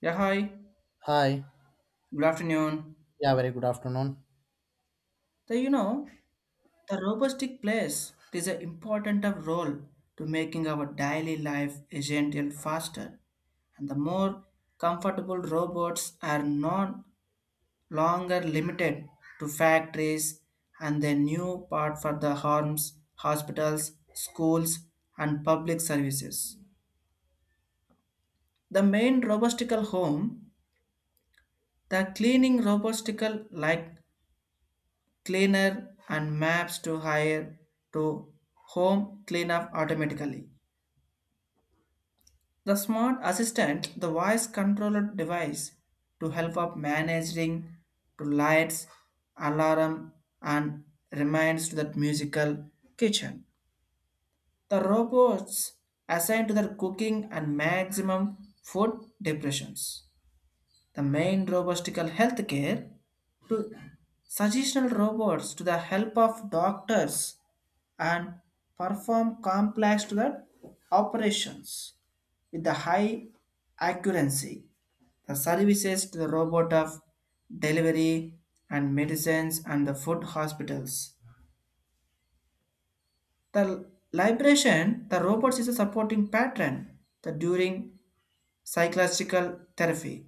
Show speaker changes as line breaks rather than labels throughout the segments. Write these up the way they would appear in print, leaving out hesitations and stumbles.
Yeah, hi.
Hi.
Good afternoon.
Yeah, very good afternoon.
The, you know, the robotic place plays an important role to making our daily life essential faster. And the more comfortable robots are no longer limited to factories and the new part for the homes, hospitals, schools, and public services. The main robotical home, the cleaning robotical like cleaner and maps to hire to home cleanup automatically. The smart assistant, the voice controlled device to help up managing to lights, alarm and reminds to that musical kitchen. The robots assigned to their cooking and maximum food depressions. The main robotical healthcare to suggestional robots to the help of doctors and perform complex to the operations with the high accuracy. The services to the robot of delivery and medicines and the food hospitals. The liberation, the robots is a supporting pattern the during psychological therapy.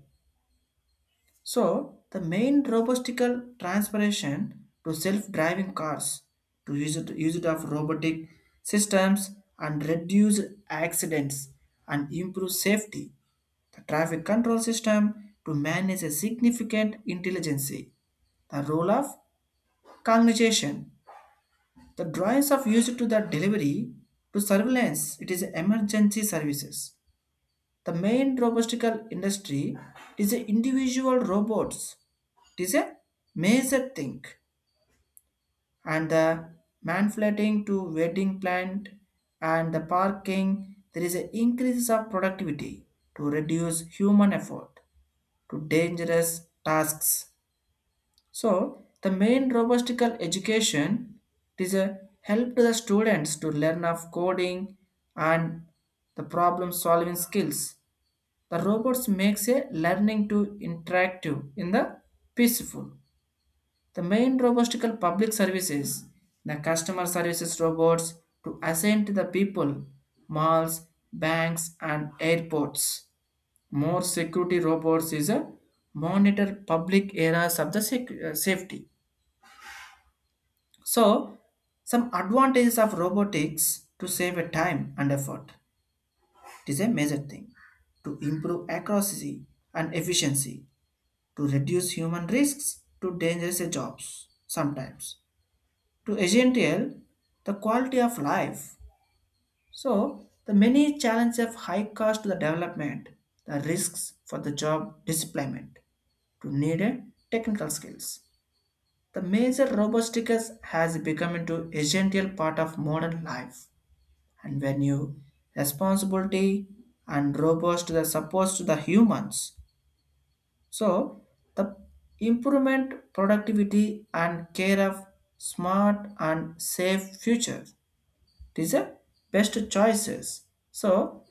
So, the main robotical transpiration to self-driving cars to use it of robotic systems and reduce accidents and improve safety. The traffic control system to manage a significant intelligence. The role of cognition. The drawings of use to the delivery to surveillance. It is emergency services. The main robotical industry is the individual robots it is a major thing, and the manflating to wedding plant and the parking, there is an increase of productivity to reduce human effort to dangerous tasks. So the main robotical education it is a help to the students to learn of coding and the problem solving skills. The robots makes a learning to interactive in the peaceful. The main robotical public services, the customer services robots to assign to the people, malls, banks, and airports. More security robots is a monitor public areas of the safety. So, some advantages of robotics to save a time and effort. It is a major thing to improve accuracy and efficiency, to reduce human risks to dangerous jobs sometimes to essential the quality of life. So the many challenges of high cost to the development, the risks for the job deployment to needed technical skills. The major robotics has become into essential part of modern life and when you responsibility and robots to the support to the humans. So the improvement productivity and care of smart and safe future. These are best choices. So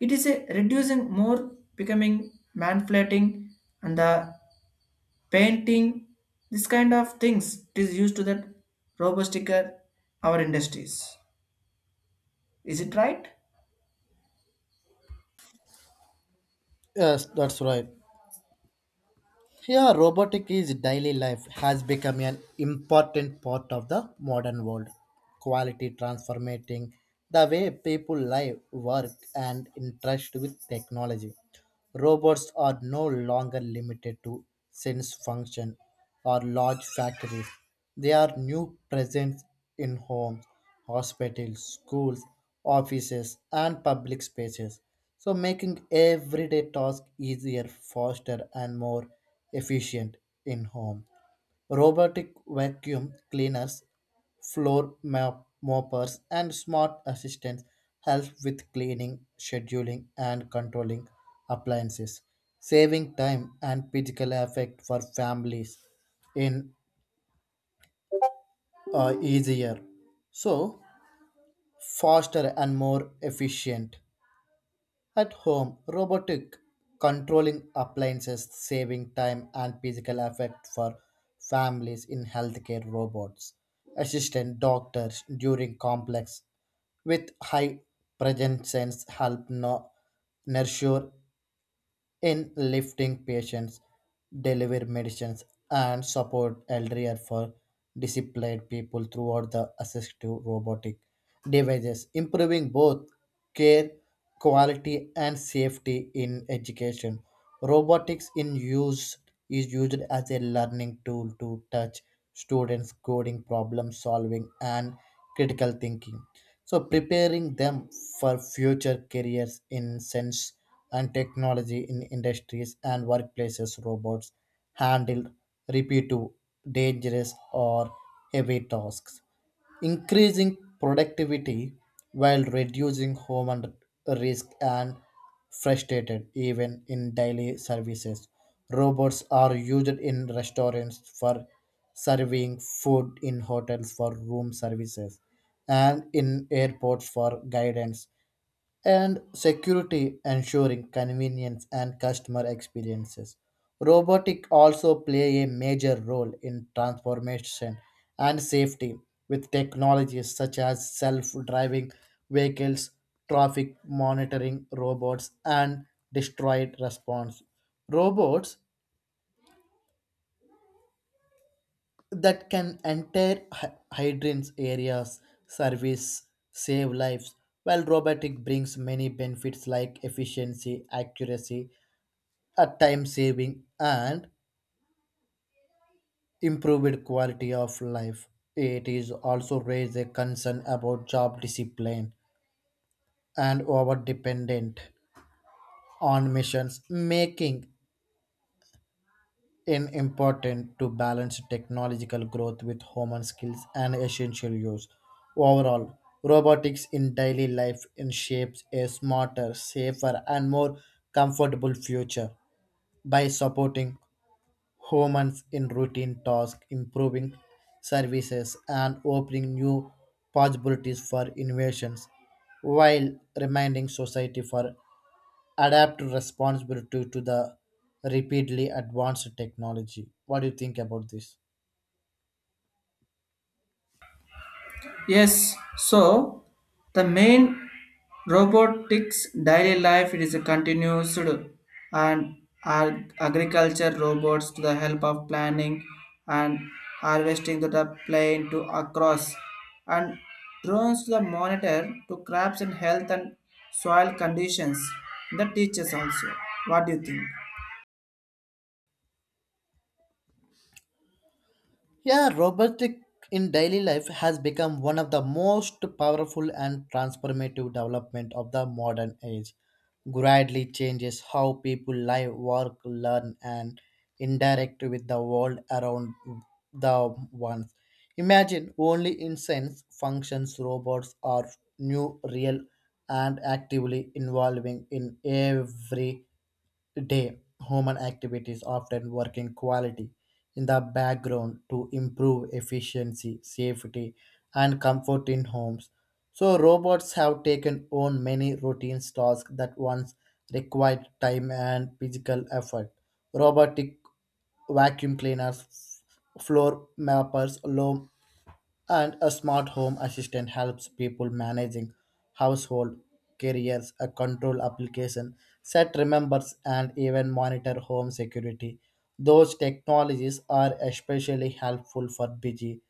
it is a reducing more becoming manipulating and the painting this kind of things it is used to that robo sticker our industries. Is it right?
Yes, that's right. Yeah, robotic is daily life has become an important part of the modern world. Quality transforming the way people live, work, and interact with technology. Robots are no longer limited to sense function or large factories. They are new presence in homes, hospitals, schools, offices, and public spaces. So making everyday tasks easier, faster, and more efficient in home. Robotic vacuum cleaners, floor moppers, and smart assistants help with cleaning, scheduling, and controlling appliances, saving time and physical effort for families in easier, so faster and more efficient. At home, robotic controlling appliances saving time and physical effect for families in healthcare robots, assistant doctors during complex with high presence help no- nurture in lifting patients, deliver medicines, and support elderly for disabled people throughout the assistive robotic devices, improving both care quality and safety in education. Robotics in use is used as a learning tool to touch students coding, problem solving, and critical thinking so preparing them for future careers in sense and technology in industries and workplaces robots handle repetitive dangerous or heavy tasks increasing productivity while reducing human risk and frustrated even in daily services. Robots are used in restaurants for serving food in hotels for room services and in airports for guidance and security ensuring convenience and customer experiences robotic also play a major role in transformation and safety with technologies such as self-driving vehicles traffic monitoring robots and destroyed response robots that can enter hydrants areas, service, save lives, while robotic brings many benefits like efficiency, accuracy, a time saving, and improved quality of life. It is also raised a concern about job discipline and over dependent on missions making in important to balance technological growth with human skills and essential use. Overall, robotics in daily life in shapes a smarter, safer, and more comfortable future by supporting humans in routine tasks, improving services, and opening new possibilities for innovations while reminding society for adapt responsibility to the repeatedly advanced technology. What do you think about this?
Yes, so the main robotics daily life it is a continuous and agriculture robots to the help of planning and harvesting to the plane to across and drones to the monitor to crops and health and soil conditions the teachers also, what do you think?
Yeah, robotic in daily life has become one of the most powerful and transformative development of the modern age. Gradually changes how people live, work, learn, and interact with the world around the ones. Imagine only in sense functions robots are new, real, and actively involving in every day, human activities often work in quality in the background to improve efficiency, safety, and comfort in homes. So robots have taken on many routine tasks that once required time and physical effort. Robotic vacuum cleaners, floor mappers, loam and a smart home assistant helps people managing household careers, a control application, set remembers, and even monitor home security. Those technologies are especially helpful for busy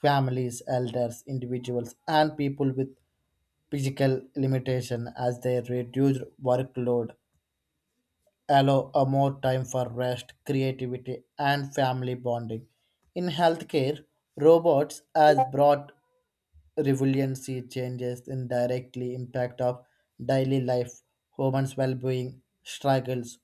families, elders, individuals, and people with physical limitation as they reduce workload, allow a more time for rest, creativity, and family bonding. In healthcare, robots has brought resiliency changes indirectly impact of daily life, humans' well-being, struggles.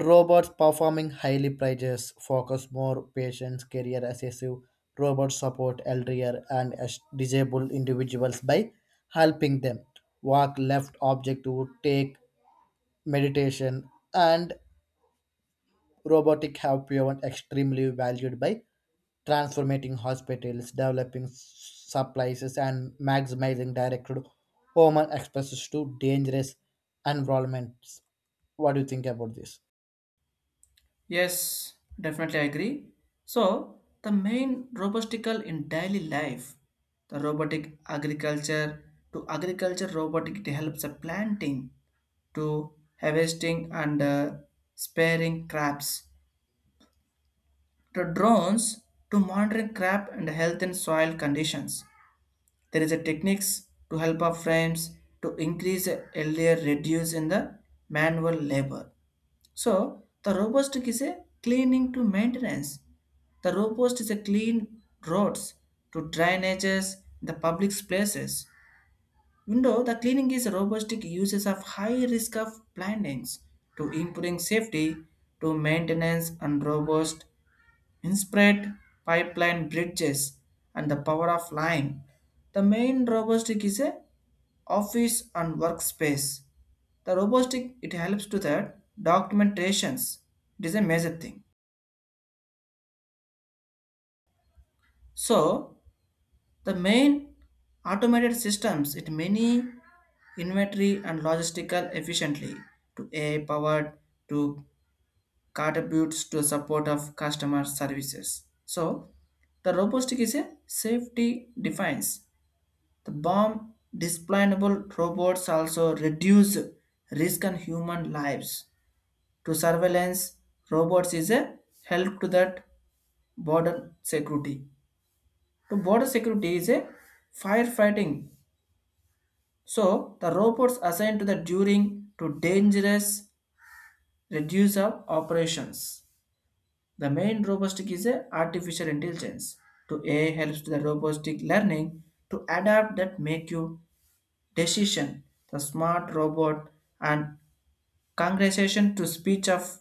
Robots performing highly praises focus more patients, career assessive. Robots support elderly and disabled individuals by helping them walk left object to take meditation and Robotics have proven extremely valued by transforming hospitals, developing supplies, and maximizing direct human exposure to dangerous environments. What do you think about this?
Yes, definitely I agree. So, the main robotical in daily life, the robotic agriculture to agriculture robotic it helps the planting to harvesting and sparing crops. The drones to monitoring crop and health and soil conditions. There is a techniques to help our frames to increase earlier reduce in the manual labor. So the robust is a cleaning to maintenance. The robust is a clean roads to drainages, the public places. Window, the cleaning is robust uses of high risk of plantings to improving safety to maintenance and robust inspired pipeline bridges and the power of line. The main robotic is a office and workspace. The robotic it helps to that documentations. It is a major thing. So the main automated systems it many inventory and logistical efficiently to AI powered to contributes to support of customer services. So the robotic is a safety defense. The bomb displaceable robots also reduce risk on human lives. To surveillance robots is a help to that border security. To border security is a firefighting. So the robots assigned to the during to dangerous reduce of operations. The main robotic is a artificial intelligence. To A helps to the robotic learning to adapt that make you decision, the smart robot, and conversation to speech of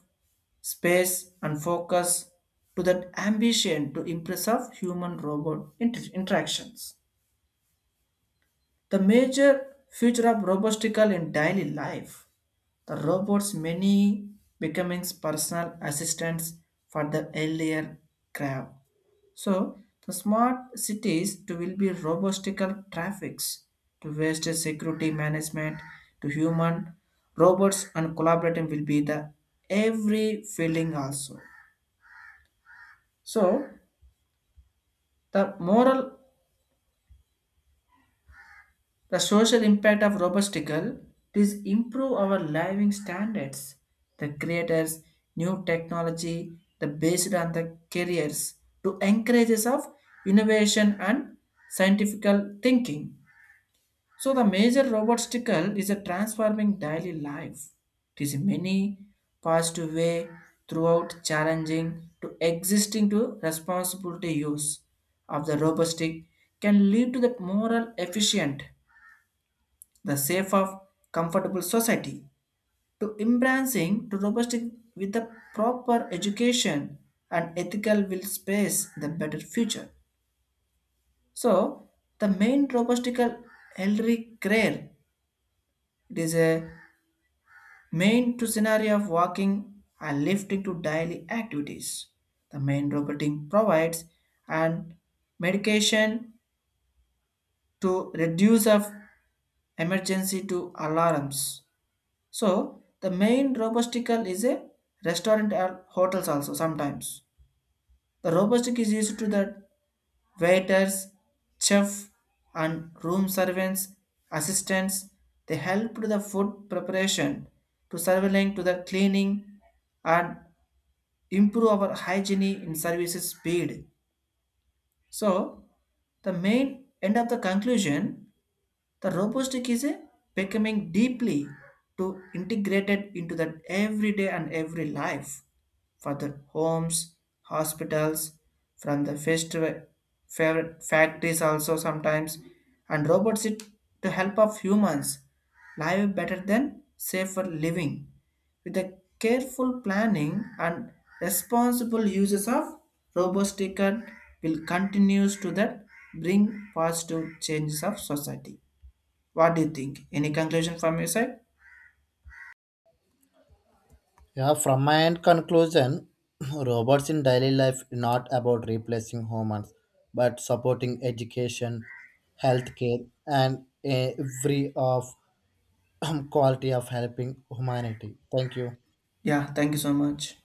space and focus to that ambition to impress of human robot interactions. The major future of robotical in daily life, the robots many becoming personal assistants for the earlier crowd. So the smart cities to will be robotical traffics to waste security management to human robots and collaborating will be the every feeling also. So the moral, the social impact of robotical is improve our living standards. The creators new technology the based on the careers to encourages of innovation and scientific thinking. So the major robot is a transforming daily life. It is in many positive way throughout challenging to existing to responsibility use of the robot can lead to the moral efficient, the safe of comfortable society. To embracing to robot with the proper education and ethical will space the better future. So the main robotical elderly care it is a main to scenario of walking and lifting to daily activities. The main roboting provides and medication to reduce of emergency to alarms. So the main robotical is a restaurant or hotels also sometimes. The robotic is used to the waiters, chef and room servants, assistants. They help to the food preparation to surveilling to the cleaning and improve our hygiene in services speed. So, the main end of the conclusion, the robotic is a becoming deeply to integrated into the everyday and every life for the homes, hospitals, from the festival, factories also sometimes, and robots it to help of humans live better than safer living with a careful planning and responsible uses of robots ticket will continues to that bring positive changes of society. What do you think? Any conclusion from your side?
Yeah, from my end conclusion, robots in daily life is not about replacing humans, but supporting education, healthcare, and every of quality of helping humanity. Thank you.
Yeah, thank you so much.